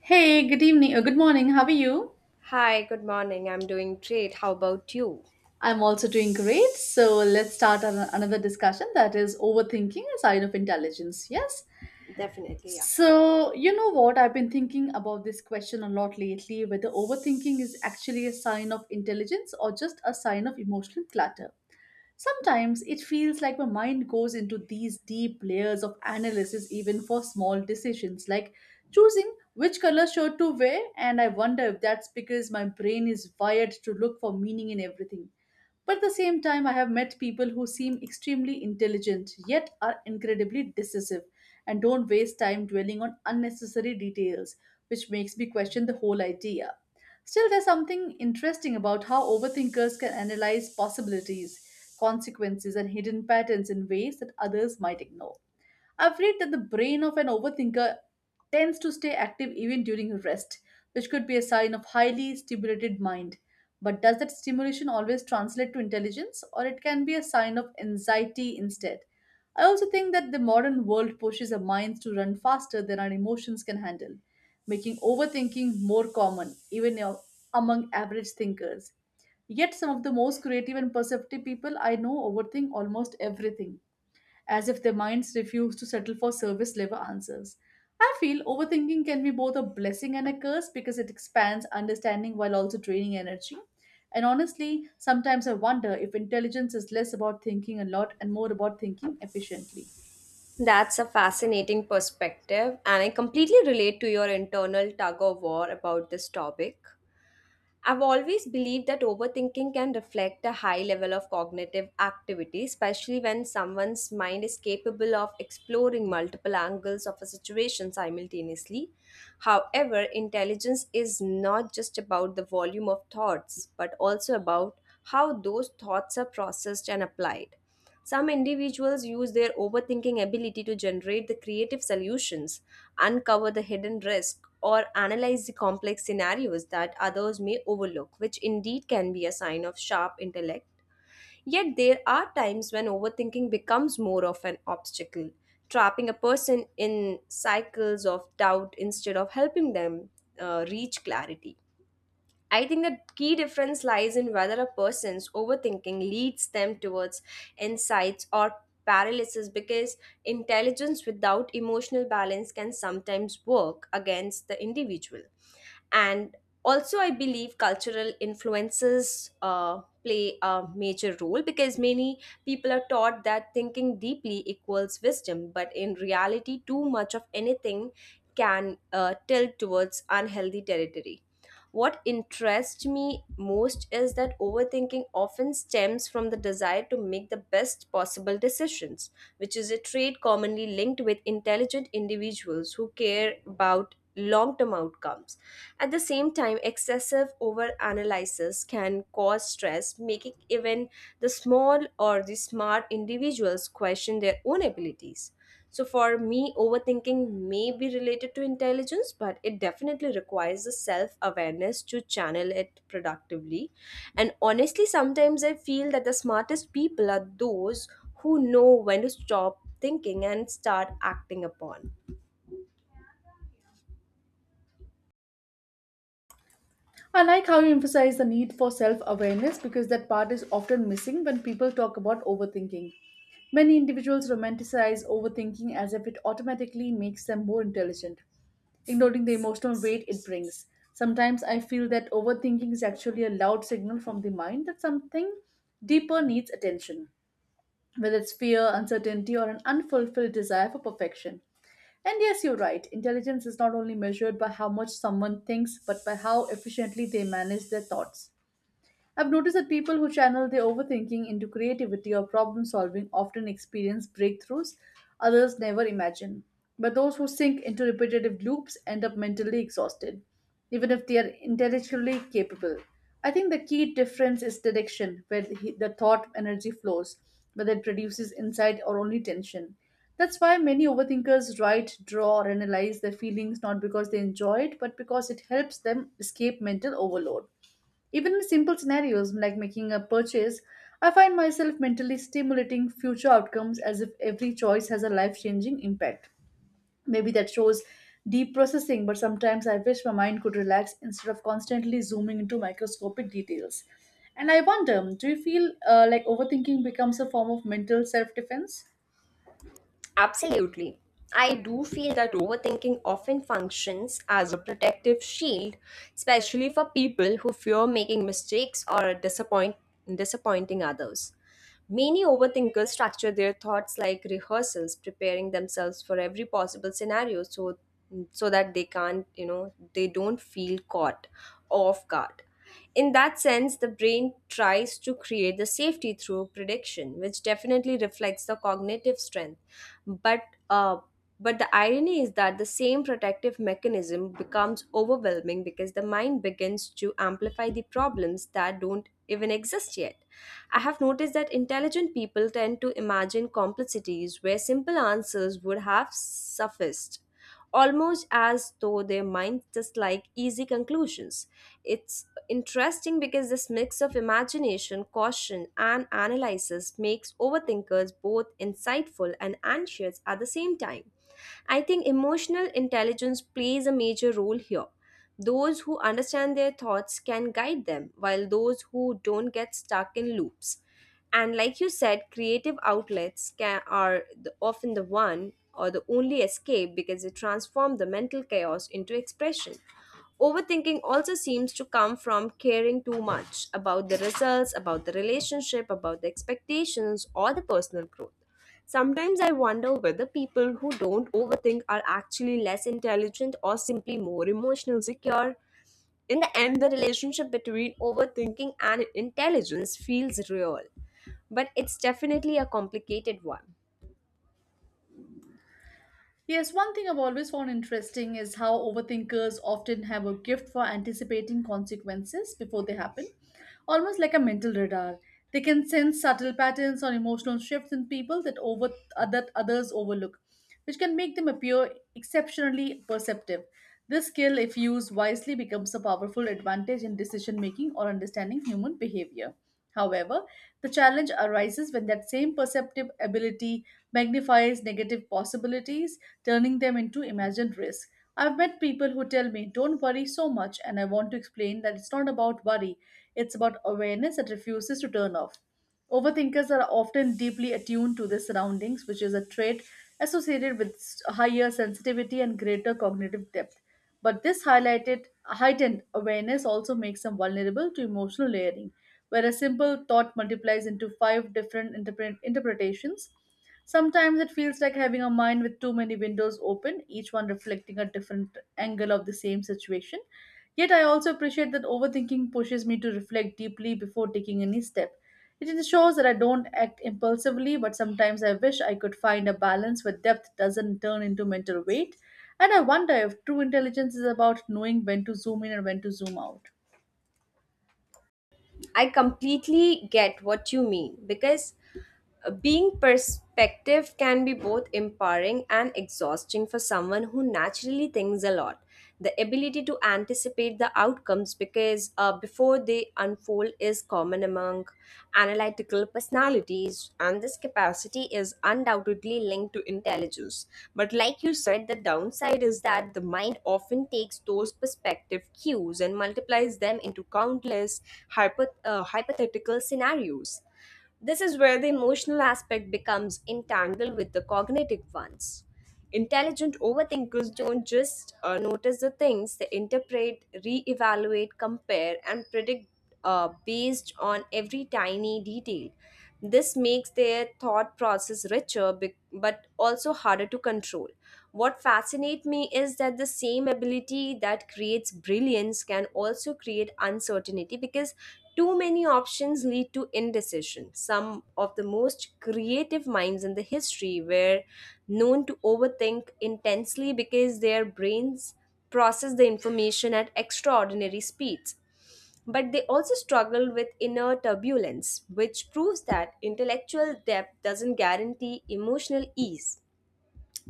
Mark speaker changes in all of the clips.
Speaker 1: Hey, good evening or good morning. How are you?
Speaker 2: Hi, good morning. I'm doing great. How about you?
Speaker 1: I'm also doing great. So let's start another discussion that is overthinking a sign of intelligence. Yes.
Speaker 2: Definitely, yeah.
Speaker 1: So, you know what? I've been thinking about this question a lot lately whether overthinking is actually a sign of intelligence or just a sign of emotional clutter. Sometimes it feels like my mind goes into these deep layers of analysis even for small decisions like choosing which color shirt to wear and I wonder if that's because my brain is wired to look for meaning in everything. But at the same time, I have met people who seem extremely intelligent yet are incredibly decisive and don't waste time dwelling on unnecessary details, which makes me question the whole idea. Still, there's something interesting about how overthinkers can analyze possibilities, consequences, and hidden patterns in ways that others might ignore. I've read that the brain of an overthinker tends to stay active even during rest, which could be a sign of highly stimulated mind. But does that stimulation always translate to intelligence, or it can be a sign of anxiety instead? I also think that the modern world pushes our minds to run faster than our emotions can handle, making overthinking more common, even you among average thinkers. Yet, some of the most creative and perceptive people I know overthink almost everything as if their minds refuse to settle for service level answers. I feel overthinking can be both a blessing and a curse because it expands understanding while also draining energy. And honestly, sometimes I wonder if intelligence is less about thinking a lot and more about thinking efficiently.
Speaker 2: That's a fascinating perspective, and I completely relate to your internal tug of war about this topic. I've always believed that overthinking can reflect a high level of cognitive activity, especially when someone's mind is capable of exploring multiple angles of a situation simultaneously. However, intelligence is not just about the volume of thoughts, but also about how those thoughts are processed and applied. Some individuals use their overthinking ability to generate the creative solutions uncover the hidden risk, or analyze the complex scenarios that others may overlook, which indeed can be a sign of sharp intellect. Yet there are times when overthinking becomes more of an obstacle, trapping a person in cycles of doubt instead of helping them reach clarity. I think the key difference lies in whether a person's overthinking leads them towards insights or paralysis because intelligence without emotional balance can sometimes work against the individual. And also, I believe cultural influences play a major role because many people are taught that thinking deeply equals wisdom, but in reality, too much of anything can tilt towards unhealthy territory. What interests me most is that overthinking often stems from the desire to make the best possible decisions, which is a trait commonly linked with intelligent individuals who care about long term outcomes. At the same time, excessive overanalysis can cause stress, making even the small or the smart individuals question their own abilities. So for me, overthinking may be related to intelligence, but it definitely requires a self awareness to channel it productively. And honestly, sometimes I feel that the smartest people are those who know when to stop thinking and start acting upon.
Speaker 1: I like how you emphasize the need for self awareness because that part is often missing when people talk about overthinking. Many individuals romanticize overthinking as if it automatically makes them more intelligent, ignoring the emotional weight it brings. Sometimes I feel that overthinking is actually a loud signal from the mind that something deeper needs attention whether it's fear, uncertainty, or an unfulfilled desire for perfection. And yes, you're right, intelligence is not only measured by how much someone thinks, but by how efficiently they manage their thoughts. I've noticed that people who channel their overthinking into creativity or problem solving often experience breakthroughs others never imagine. But those who sink into repetitive loops end up mentally exhausted, even if they are intellectually capable. I think the key difference is direction, where the thought energy flows, whether it produces insight or only tension. That's why many overthinkers write, draw, or analyze their feelings not because they enjoy it, but because it helps them escape mental overload. Even in simple scenarios like making a purchase, I find myself mentally stimulating future outcomes as if every choice has a life changing impact. Maybe that shows deep processing, but sometimes I wish my mind could relax instead of constantly zooming into microscopic details. And I wonder do you feel like overthinking becomes a form of mental self defense?
Speaker 2: Absolutely. I do feel that overthinking often functions as a protective shield, especially for people who fear making mistakes or disappointing others. Many overthinkers structure their thoughts like rehearsals, preparing themselves for every possible scenario so that they can't, you know, they don't feel caught off guard. In that sense, the brain tries to create the safety through prediction, which definitely reflects the cognitive strength. But uh, but the irony is that the same protective mechanism becomes overwhelming because the mind begins to amplify the problems that don't even exist yet. I have noticed that intelligent people tend to imagine complexities where simple answers would have sufficed, almost as though their minds dislike easy conclusions. It's interesting because this mix of imagination, caution, and analysis makes overthinkers both insightful and anxious at the same time. I think emotional intelligence plays a major role here. Those who understand their thoughts can guide them, while those who don't get stuck in loops. And like you said, creative outlets often the one or the only escape because they transform the mental chaos into expression. Overthinking also seems to come from caring too much about the results, about the relationship, about the expectations, or the personal growth. Sometimes I wonder whether people who don't overthink are actually less intelligent or simply more emotional secure. In the end, the relationship between overthinking and intelligence feels real, but it's definitely a complicated one.
Speaker 1: Yes, one thing I've always found interesting is how overthinkers often have a gift for anticipating consequences before they happen, almost like a mental radar. They can sense subtle patterns or emotional shifts in people that over that others overlook, which can make them appear exceptionally perceptive. This skill, if used wisely, becomes a powerful advantage in decision making or understanding human behavior. However, the challenge arises when that same perceptive ability magnifies negative possibilities, turning them into imagined risk. I've met people who tell me, don't worry so much, and I want to explain that it's not about worry, it's about awareness that refuses to turn off. Overthinkers are often deeply attuned to their surroundings, which is a trait associated with higher sensitivity and greater cognitive depth. But this highlighted heightened awareness also makes them vulnerable to emotional layering, where a simple thought multiplies into five different interpretations. Sometimes it feels like having a mind with too many windows open, each one reflecting a different angle of the same situation. Yet I also appreciate that overthinking pushes me to reflect deeply before taking any step. It ensures that I don't act impulsively, but sometimes I wish I could find a balance where depth doesn't turn into mental weight. And I wonder if true intelligence is about knowing when to zoom in and when to zoom out.
Speaker 2: I completely get what you mean because being perspective can be both empowering and exhausting for someone who naturally thinks a lot. The ability to anticipate the outcomes because before they unfold is common among analytical personalities, and this capacity is undoubtedly linked to intelligence. But like you said, the downside is that the mind often takes those perspective cues and multiplies them into countless hypothetical scenarios. This is where the emotional aspect becomes entangled with the cognitive ones. Intelligent overthinkers don't just notice the things, they interpret, re-evaluate, compare, and predict based on every tiny detail. This makes their thought process but also harder to control. What fascinates me is that the same ability that creates brilliance can also create uncertainty because too many options lead to indecision. Some of the most creative minds in the history were known to overthink intensely because their brains process the information at extraordinary speeds. But they also struggle with inner turbulence, which proves that intellectual depth doesn't guarantee emotional ease.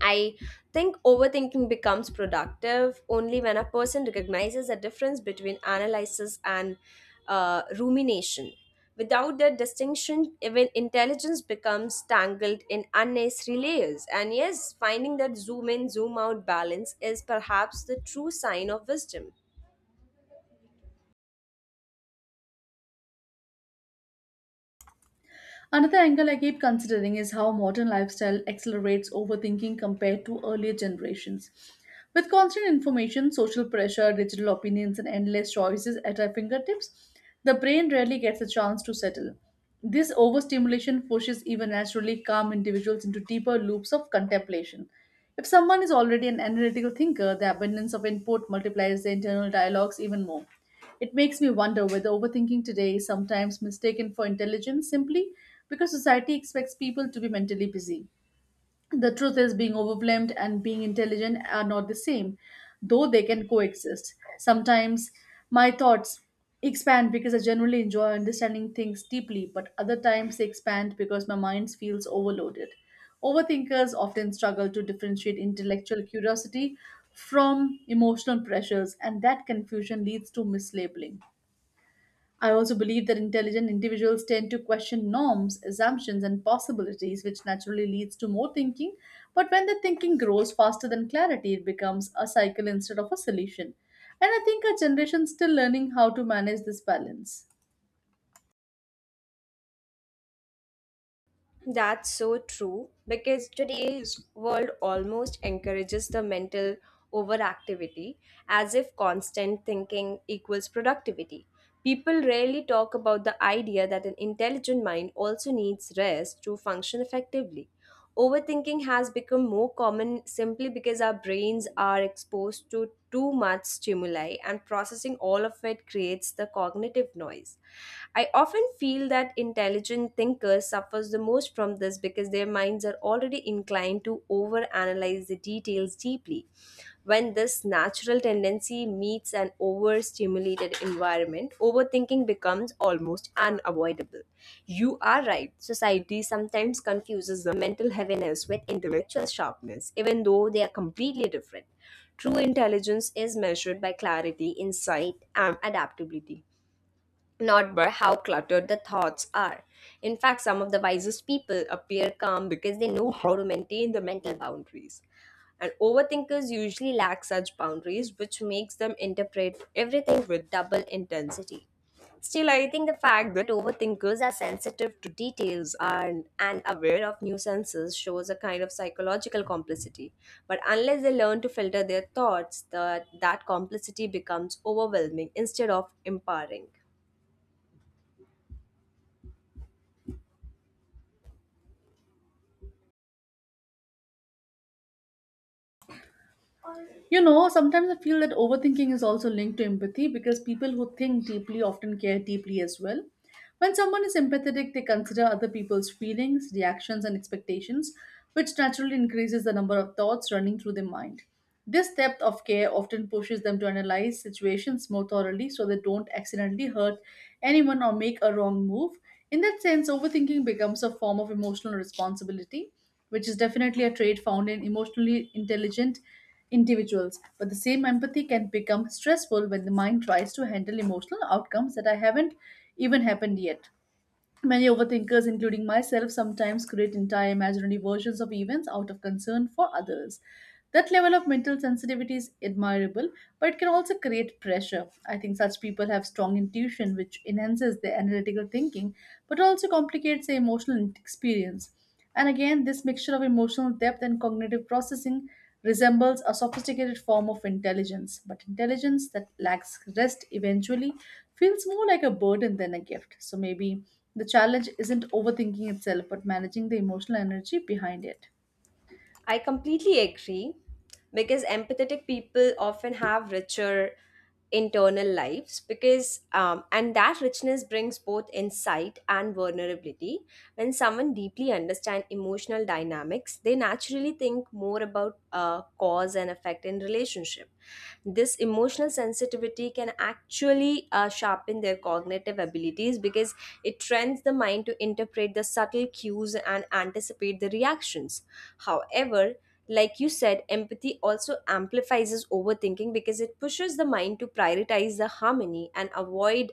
Speaker 2: I think overthinking becomes productive only when a person recognizes the difference between analysis and rumination. Without that distinction, even intelligence becomes tangled in unnecessary layers. And yes, finding that zoom in, zoom out balance is perhaps the true sign of wisdom.
Speaker 1: Another angle I keep considering is how modern lifestyle accelerates overthinking compared to earlier generations. With constant information, social pressure, digital opinions, and endless choices at our fingertips, the brain rarely gets a chance to settle. This overstimulation pushes even naturally calm individuals into deeper loops of contemplation. If someone is already an analytical thinker, the abundance of input multiplies the internal dialogues even more. It makes me wonder whether overthinking today is sometimes mistaken for intelligence simply because society expects people to be mentally busy. The truth is, being overwhelmed and being intelligent are not the same, though they can coexist. Sometimes my thoughts expand because I generally enjoy understanding things deeply, but other times they expand because my mind feels overloaded. Overthinkers often struggle to differentiate intellectual curiosity from emotional pressures, and that confusion leads to mislabeling. I also believe that intelligent individuals tend to question norms, assumptions, and possibilities, which naturally leads to more thinking. But when the thinking grows faster than clarity, it becomes a cycle instead of a solution. And I think our generation is still learning how to manage this balance.
Speaker 2: That's so true because today's world almost encourages the mental overactivity as if constant thinking equals productivity. People rarely talk about the idea that an intelligent mind also needs rest to function effectively. Overthinking has become more common simply because our brains are exposed to too much stimuli, and processing all of it creates the cognitive noise. I often feel that intelligent thinkers suffers the most from this because their minds are already inclined to overanalyze the details deeply when this natural tendency meets an overstimulated environment, overthinking becomes almost unavoidable. You are right, society sometimes confuses the mental heaviness with intellectual sharpness, even though they are completely different. True intelligence is measured by clarity, insight, and adaptability not by how cluttered the thoughts are. In fact, some of the wisest people appear calm because they know how to maintain the mental boundaries. And overthinkers usually lack such boundaries, which makes them interpret everything with double intensity. Still, I think the fact that overthinkers are sensitive to details and aware of nuisances shows a kind of psychological complicity. But unless they learn to filter their thoughts, that complicity becomes overwhelming instead of empowering.
Speaker 1: You know, sometimes I feel that overthinking is also linked to empathy because people who think deeply often care deeply as well. When someone is empathetic, they consider other people's feelings, reactions, and expectations, which naturally increases the number of thoughts running through their mind. This depth of care often pushes them to analyze situations more thoroughly so they don't accidentally hurt anyone or make a wrong move. In that sense, overthinking becomes a form of emotional responsibility, which is definitely a trait found in emotionally intelligent individuals. But the same empathy can become stressful when the mind tries to handle emotional outcomes that I haven't even happened yet. Many overthinkers, including myself, sometimes create entire imaginary versions of events out of concern for others. That level of mental sensitivity is admirable, but it can also create pressure. I think such people have strong intuition, which enhances their analytical thinking but also complicates their emotional experience. And again, this mixture of emotional depth and cognitive processing resembles a sophisticated form of intelligence, but intelligence that lacks rest eventually feels more like a burden than a gift. So maybe the challenge isn't overthinking itself, but managing the emotional energy behind it.
Speaker 2: I completely agree because empathetic people often have richer internal lives because and that richness brings both insight and vulnerability when someone deeply understands emotional dynamics they naturally think more about cause and effect in relationship this emotional sensitivity can actually sharpen their cognitive abilities because it trains the mind to interpret the subtle cues and anticipate the reactions. However, like you said, empathy also amplifies overthinking because it pushes the mind to prioritize the harmony and avoid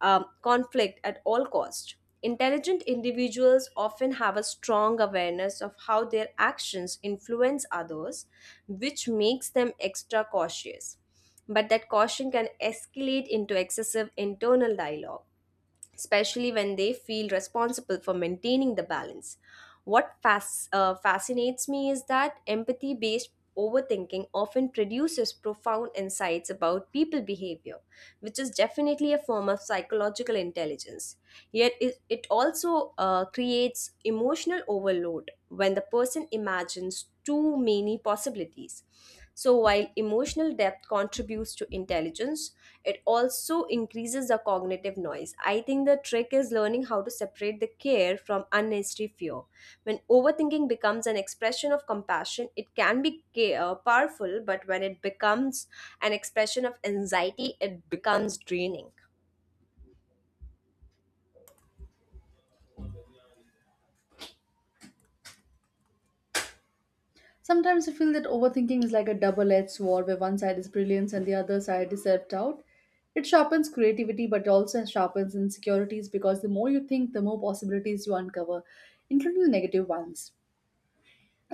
Speaker 2: conflict at all cost. Intelligent individuals often have a strong awareness of how their actions influence others, which makes them extra cautious but that caution can escalate into excessive internal dialogue especially when they feel responsible for maintaining the balance. What fascinates me is that empathy based overthinking often produces profound insights about people behavior, which is definitely a form of psychological intelligence. Yet, it also creates emotional overload when the person imagines too many possibilities. So, while emotional depth contributes to intelligence, it also increases the cognitive noise. I think the trick is learning how to separate the care from unnecessary fear. When overthinking becomes an expression of compassion, it can be powerful, but when it becomes an expression of anxiety, it becomes draining.
Speaker 1: Sometimes I feel that overthinking is like a double edged sword where one side is brilliance and the other side is self doubt. It sharpens creativity but also sharpens insecurities because the more you think, the more possibilities you uncover, including the negative ones.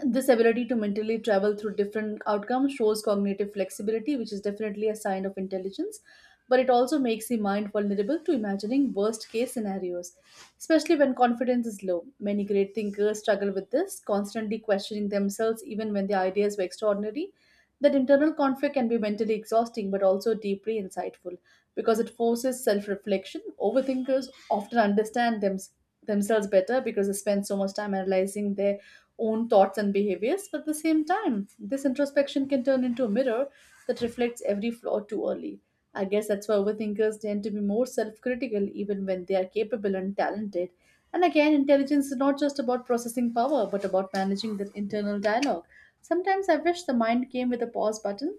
Speaker 1: This ability to mentally travel through different outcomes shows cognitive flexibility, which is definitely a sign of intelligence, but it also makes the mind vulnerable to imagining worst case scenarios, especially when confidence is low. Many great thinkers struggle with this, constantly questioning themselves even when their ideas were extraordinary. That internal conflict can be mentally exhausting but also deeply insightful because it forces self reflection. Overthinkers often understand themselves better because they spend so much time analyzing their own thoughts and behaviors, but at the same time, this introspection can turn into a mirror that reflects every flaw too early. I guess that's why overthinkers tend to be more self critical even when they are capable and talented. And again, intelligence is not just about processing power, but about managing the internal dialogue. Sometimes I wish the mind came with a pause button.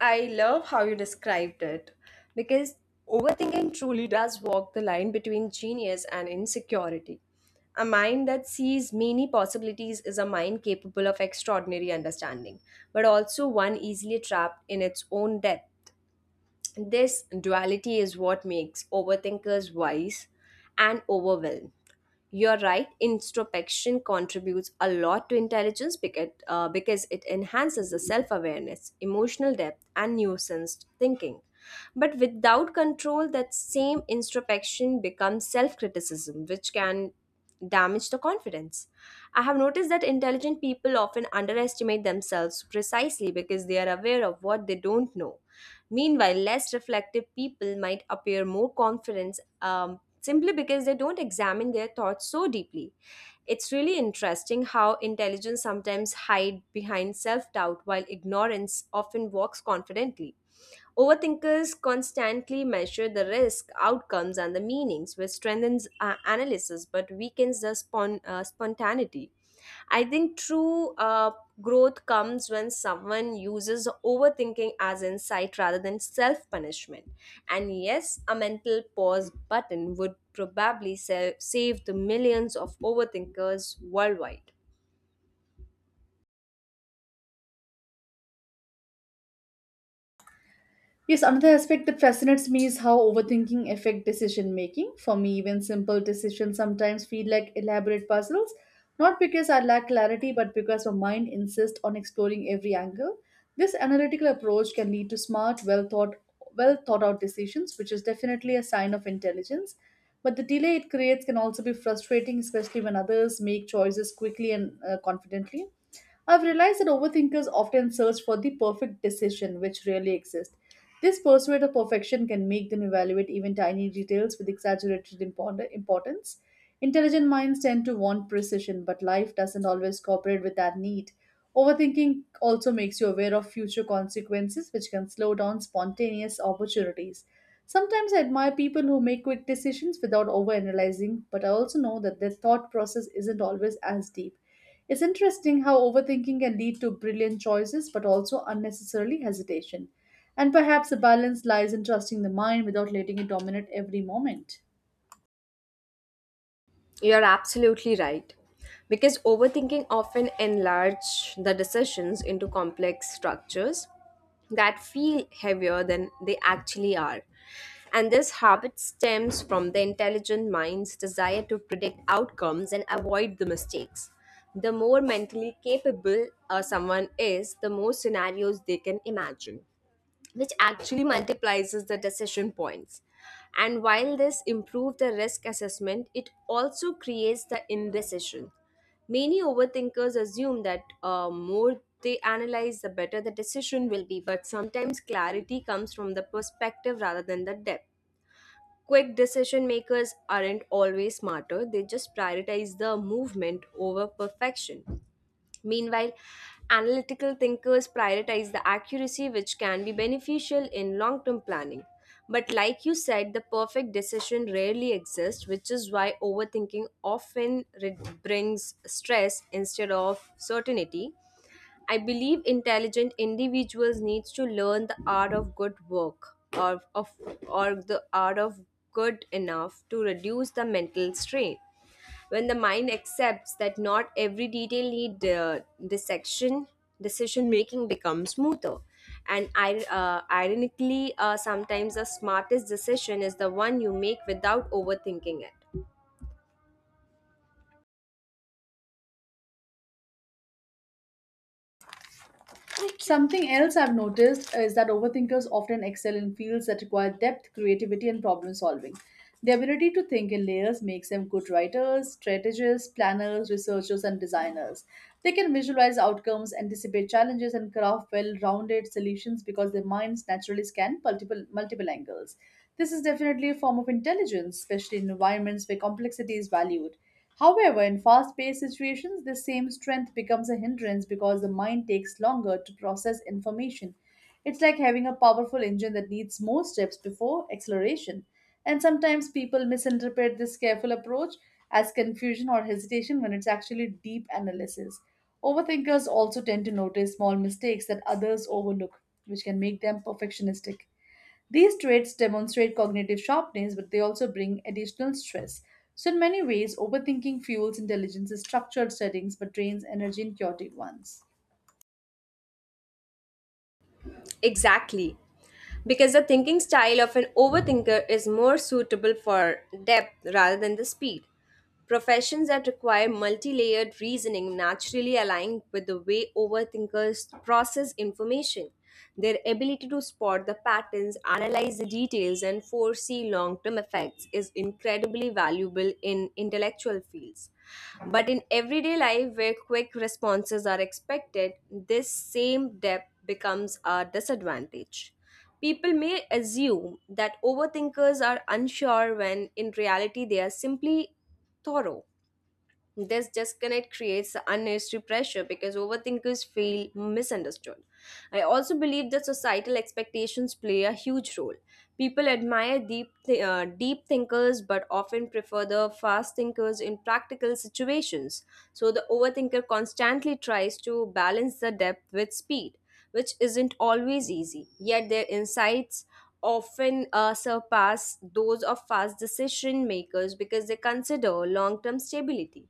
Speaker 2: I love how you described it because overthinking truly does walk the line between genius and insecurity. A mind that sees many possibilities is a mind capable of extraordinary understanding, but also one easily trapped in its own depth. This duality is what makes overthinkers wise and overwhelmed. You're right, introspection contributes a lot to intelligence because it enhances the self awareness, emotional depth, and nuanced thinking. But without control, that same introspection becomes self criticism, which can damage the confidence. I have noticed that intelligent people often underestimate themselves precisely because they are aware of what they don't know. Meanwhile, less reflective people might appear more confident simply because they don't examine their thoughts so deeply. It's really interesting how intelligence sometimes hides behind self doubt while ignorance often walks confidently. Overthinkers constantly measure the risk, outcomes, and the meanings, which strengthens analysis but weakens the spontaneity. I think true growth comes when someone uses overthinking as insight rather than self punishment. And yes, a mental pause button would probably save the millions of overthinkers worldwide.
Speaker 1: Yes, another aspect that fascinates me is how overthinking affect decision making. For me, even simple decisions sometimes feel like elaborate puzzles, not because I lack clarity, but because my mind insists on exploring every angle. This analytical approach can lead to smart, well thought out decisions, which is definitely a sign of intelligence. But the delay it creates can also be frustrating, especially when others make choices quickly and confidently. I've realized that overthinkers often search for the perfect decision, which rarely exists. This pursuit of perfection can make them evaluate even tiny details with exaggerated importance. Intelligent minds tend to want precision, but life doesn't always cooperate with that need. Overthinking also makes you aware of future consequences, which can slow down spontaneous opportunities. Sometimes I admire people who make quick decisions without overanalyzing, but I also know that their thought process isn't always as deep. It's interesting how overthinking can lead to brilliant choices but also unnecessarily hesitation. And perhaps the balance lies in trusting the mind without letting it dominate every moment.
Speaker 2: You're absolutely right. Because overthinking often enlarge the decisions into complex structures that feel heavier than they actually are. And this habit stems from the intelligent mind's desire to predict outcomes and avoid the mistakes. The more mentally capable someone is, the more scenarios they can imagine which actually multiplies the decision points. And while this improves the risk assessment, it also creates the indecision. Many overthinkers assume that more they analyze, the better the decision will be, but sometimes clarity comes from the perspective rather than the depth. Quick decision makers aren't always smarter, they just prioritize the movement over perfection. Meanwhile, analytical thinkers prioritize the accuracy, which can be beneficial in long term planning. But, like you said, the perfect decision rarely exists, which is why overthinking often brings stress instead of certainty. I believe intelligent individuals needs to learn the art of good work or of or the art of good enough to reduce the mental strain. When the mind accepts that not every detail need dissection, decision making becomes smoother. And ironically, sometimes the smartest decision is the one you make without overthinking it.
Speaker 1: Something else I've noticed is that overthinkers often excel in fields that require depth, creativity, and problem solving. The ability to think in layers makes them good writers, strategists, planners, researchers, and designers. They can visualize outcomes, anticipate challenges, and craft well rounded solutions because their minds naturally scan multiple angles. This is definitely a form of intelligence, especially in environments where complexity is valued. However, in fast paced situations, this same strength becomes a hindrance because the mind takes longer to process information. It's like having a powerful engine that needs more steps before acceleration. And sometimes people misinterpret this careful approach as confusion or hesitation when it's actually deep analysis. Overthinkers also tend to notice small mistakes that others overlook, which can make them perfectionistic. These traits demonstrate cognitive sharpness, but they also bring additional stress. So, in many ways, overthinking fuels intelligence in structured settings but drains energy in chaotic ones.
Speaker 2: Exactly. Because the thinking style of an overthinker is more suitable for depth rather than the speed. Professions that require multi layered reasoning naturally align with the way overthinkers process information. Their ability to spot the patterns, analyze the details, and foresee long term effects is incredibly valuable in intellectual fields. But in everyday life, where quick responses are expected, this same depth becomes a disadvantage. People may assume that overthinkers are unsure when in reality they are simply thorough. This disconnect creates unnecessary pressure because overthinkers feel misunderstood. I also believe that societal expectations play a huge role. People admire deep thinkers but often prefer the fast thinkers in practical situations. So the overthinker constantly tries to balance the depth with speed, which isn't always easy, yet their insights often surpass those of fast decision makers because they consider long term stability.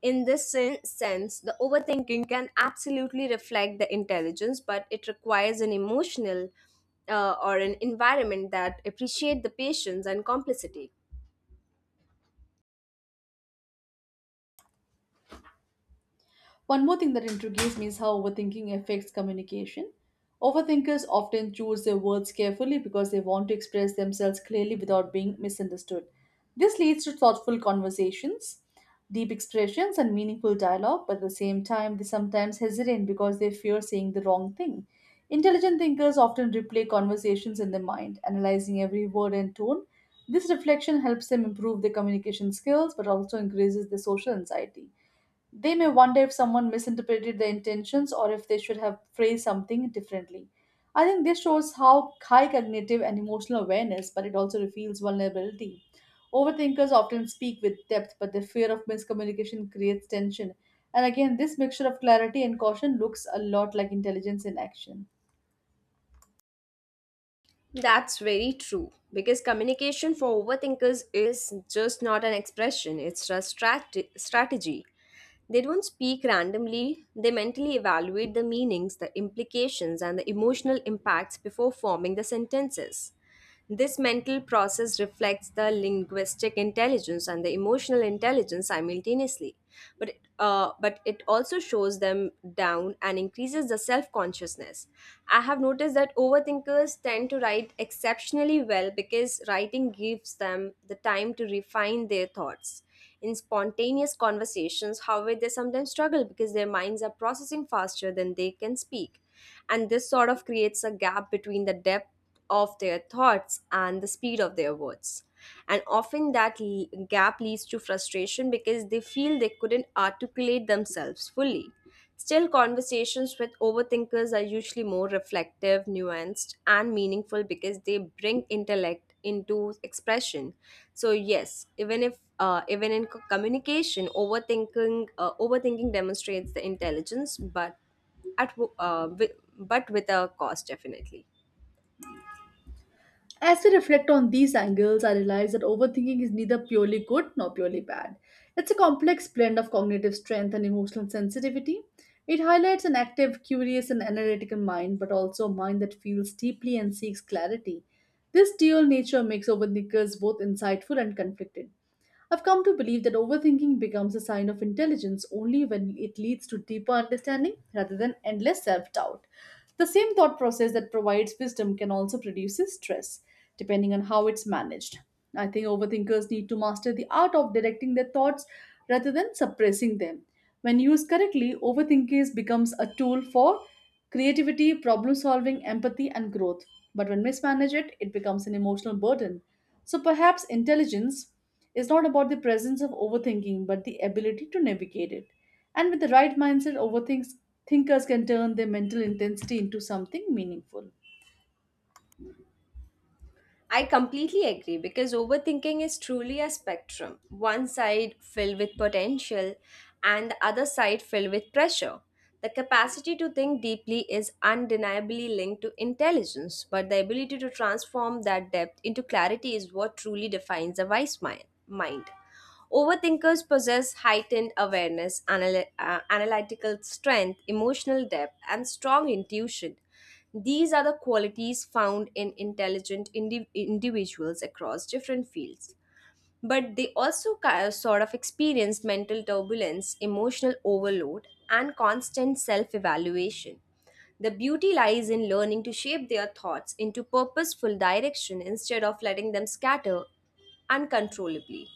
Speaker 2: In this sense, the overthinking can absolutely reflect the intelligence, but it requires an emotional or an environment that appreciate the patience and complicity.
Speaker 1: One more thing that intrigues me is how overthinking affects communication. Overthinkers often choose their words carefully because they want to express themselves clearly without being misunderstood. This leads to thoughtful conversations, deep expressions, and meaningful dialogue, but at the same time, they sometimes hesitate because they fear saying the wrong thing. Intelligent thinkers often replay conversations in their mind, analyzing every word and tone. This reflection helps them improve their communication skills but also increases their social anxiety. They may wonder if someone misinterpreted their intentions or if they should have phrased something differently. I think this shows how high cognitive and emotional awareness, but it also reveals vulnerability. Overthinkers often speak with depth, but the fear of miscommunication creates tension. And again, this mixture of clarity and caution looks a lot like intelligence in action.
Speaker 2: That's very true because communication for overthinkers is just not an expression, it's a strategy. They don't speak randomly, they mentally evaluate the meanings, the implications, and the emotional impacts before forming the sentences. This mental process reflects the linguistic intelligence and the emotional intelligence simultaneously, but it also shows them down and increases the self consciousness. I have noticed that overthinkers tend to write exceptionally well because writing gives them the time to refine their thoughts. In spontaneous conversations, however, they sometimes struggle because their minds are processing faster than they can speak, and this sort of creates a gap between the depth of their thoughts and the speed of their words. And often that gap leads to frustration because they feel they couldn't articulate themselves fully. Still, conversations with overthinkers are usually more reflective, nuanced, and meaningful because they bring intellect into expression. So yes, even if even in co- communication, overthinking demonstrates the intelligence, but but with a cost, definitely.
Speaker 1: As we reflect on these angles, I realize that overthinking is neither purely good nor purely bad. It's a complex blend of cognitive strength and emotional sensitivity. It highlights an active, curious, and analytical mind, but also a mind that feels deeply and seeks clarity. This dual nature makes overthinkers both insightful and conflicted. I've come to believe that overthinking becomes a sign of intelligence only when it leads to deeper understanding rather than endless self doubt. The same thought process that provides wisdom can also produce stress, depending on how it's managed. I think overthinkers need to master the art of directing their thoughts rather than suppressing them. When used correctly, overthinking becomes a tool for creativity, problem solving, empathy, and growth. But when mismanaged, it becomes an emotional burden. So perhaps intelligence is not about the presence of overthinking, but the ability to navigate it. And with the right mindset, overthinkers thinkers can turn their mental intensity into something meaningful.
Speaker 2: I completely agree because overthinking is truly a spectrum. One side filled with potential and the other side filled with pressure. The capacity to think deeply is undeniably linked to intelligence, but the ability to transform that depth into clarity is what truly defines a wise mind. Overthinkers possess heightened awareness, analytical strength, emotional depth, and strong intuition. These are the qualities found in intelligent individuals across different fields. But they also sort of experience mental turbulence, emotional overload, and constant self evaluation. The beauty lies in learning to shape their thoughts into purposeful direction instead of letting them scatter uncontrollably.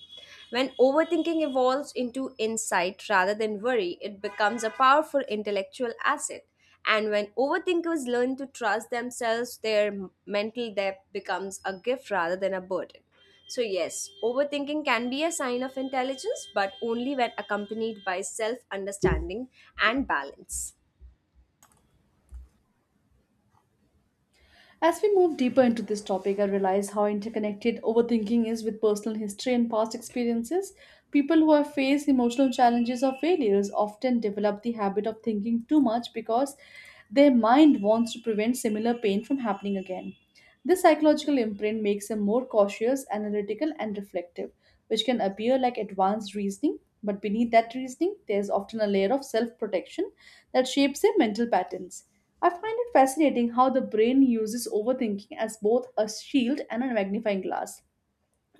Speaker 2: When overthinking evolves into insight rather than worry, it becomes a powerful intellectual asset. And when overthinkers learn to trust themselves, their mental depth becomes a gift rather than a burden. So, yes, overthinking can be a sign of intelligence, but only when accompanied by self understanding and balance.
Speaker 1: As we move deeper into this topic, I realize how interconnected overthinking is with personal history and past experiences. People who have faced emotional challenges or failures often develop the habit of thinking too much because their mind wants to prevent similar pain from happening again. This psychological imprint makes them more cautious, analytical, and reflective, which can appear like advanced reasoning, but beneath that reasoning, there is often a layer of self protection that shapes their mental patterns. I find it fascinating how the brain uses overthinking as both a shield and a magnifying glass.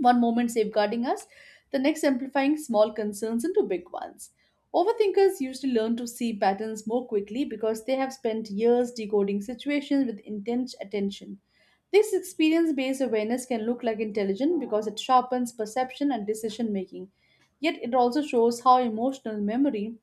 Speaker 1: One moment safeguarding us, the next amplifying small concerns into big ones. Overthinkers usually learn to see patterns more quickly because they have spent years decoding situations with intense attention. This experience based awareness can look like intelligence because it sharpens perception and decision making. Yet it also shows how emotional memory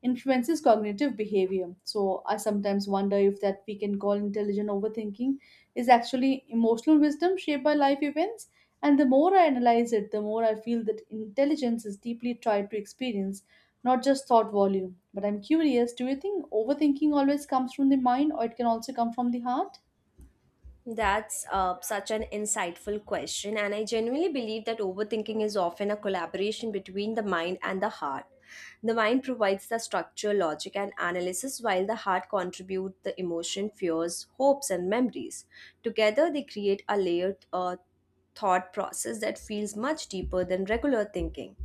Speaker 1: influences cognitive behavior. So I sometimes wonder if that we can call intelligent overthinking is actually emotional wisdom shaped by life events. And the more I analyze it, the more I feel that intelligence is deeply tied to experience, not just thought volume. But I'm curious, do you think overthinking always comes from the mind or it can also come from the heart?
Speaker 2: That's such an insightful question, and I genuinely believe that overthinking is often a collaboration between the mind and the heart. The mind provides the structure, logic, and analysis, while the heart contributes the emotion, fears, hopes, and memories. Together, they create a layered thought process that feels much deeper than regular thinking.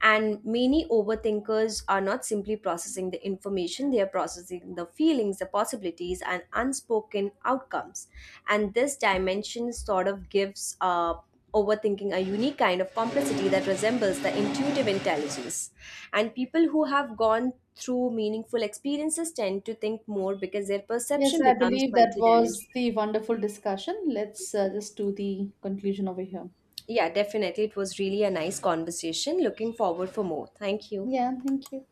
Speaker 2: And many overthinkers are not simply processing the information, they are processing the feelings, the possibilities, and unspoken outcomes, and this dimension sort of gives overthinking a unique kind of complexity that resembles the intuitive intelligence. And people who have gone through meaningful experiences tend to think more because their
Speaker 1: Yes,
Speaker 2: perception
Speaker 1: I
Speaker 2: becomes
Speaker 1: believe that was
Speaker 2: multidimensional.
Speaker 1: the wonderful discussion. Let's just do the conclusion over here.
Speaker 2: Yeah, definitely, it was really a nice conversation. Looking forward for more. Thank you.
Speaker 1: Yeah, thank you.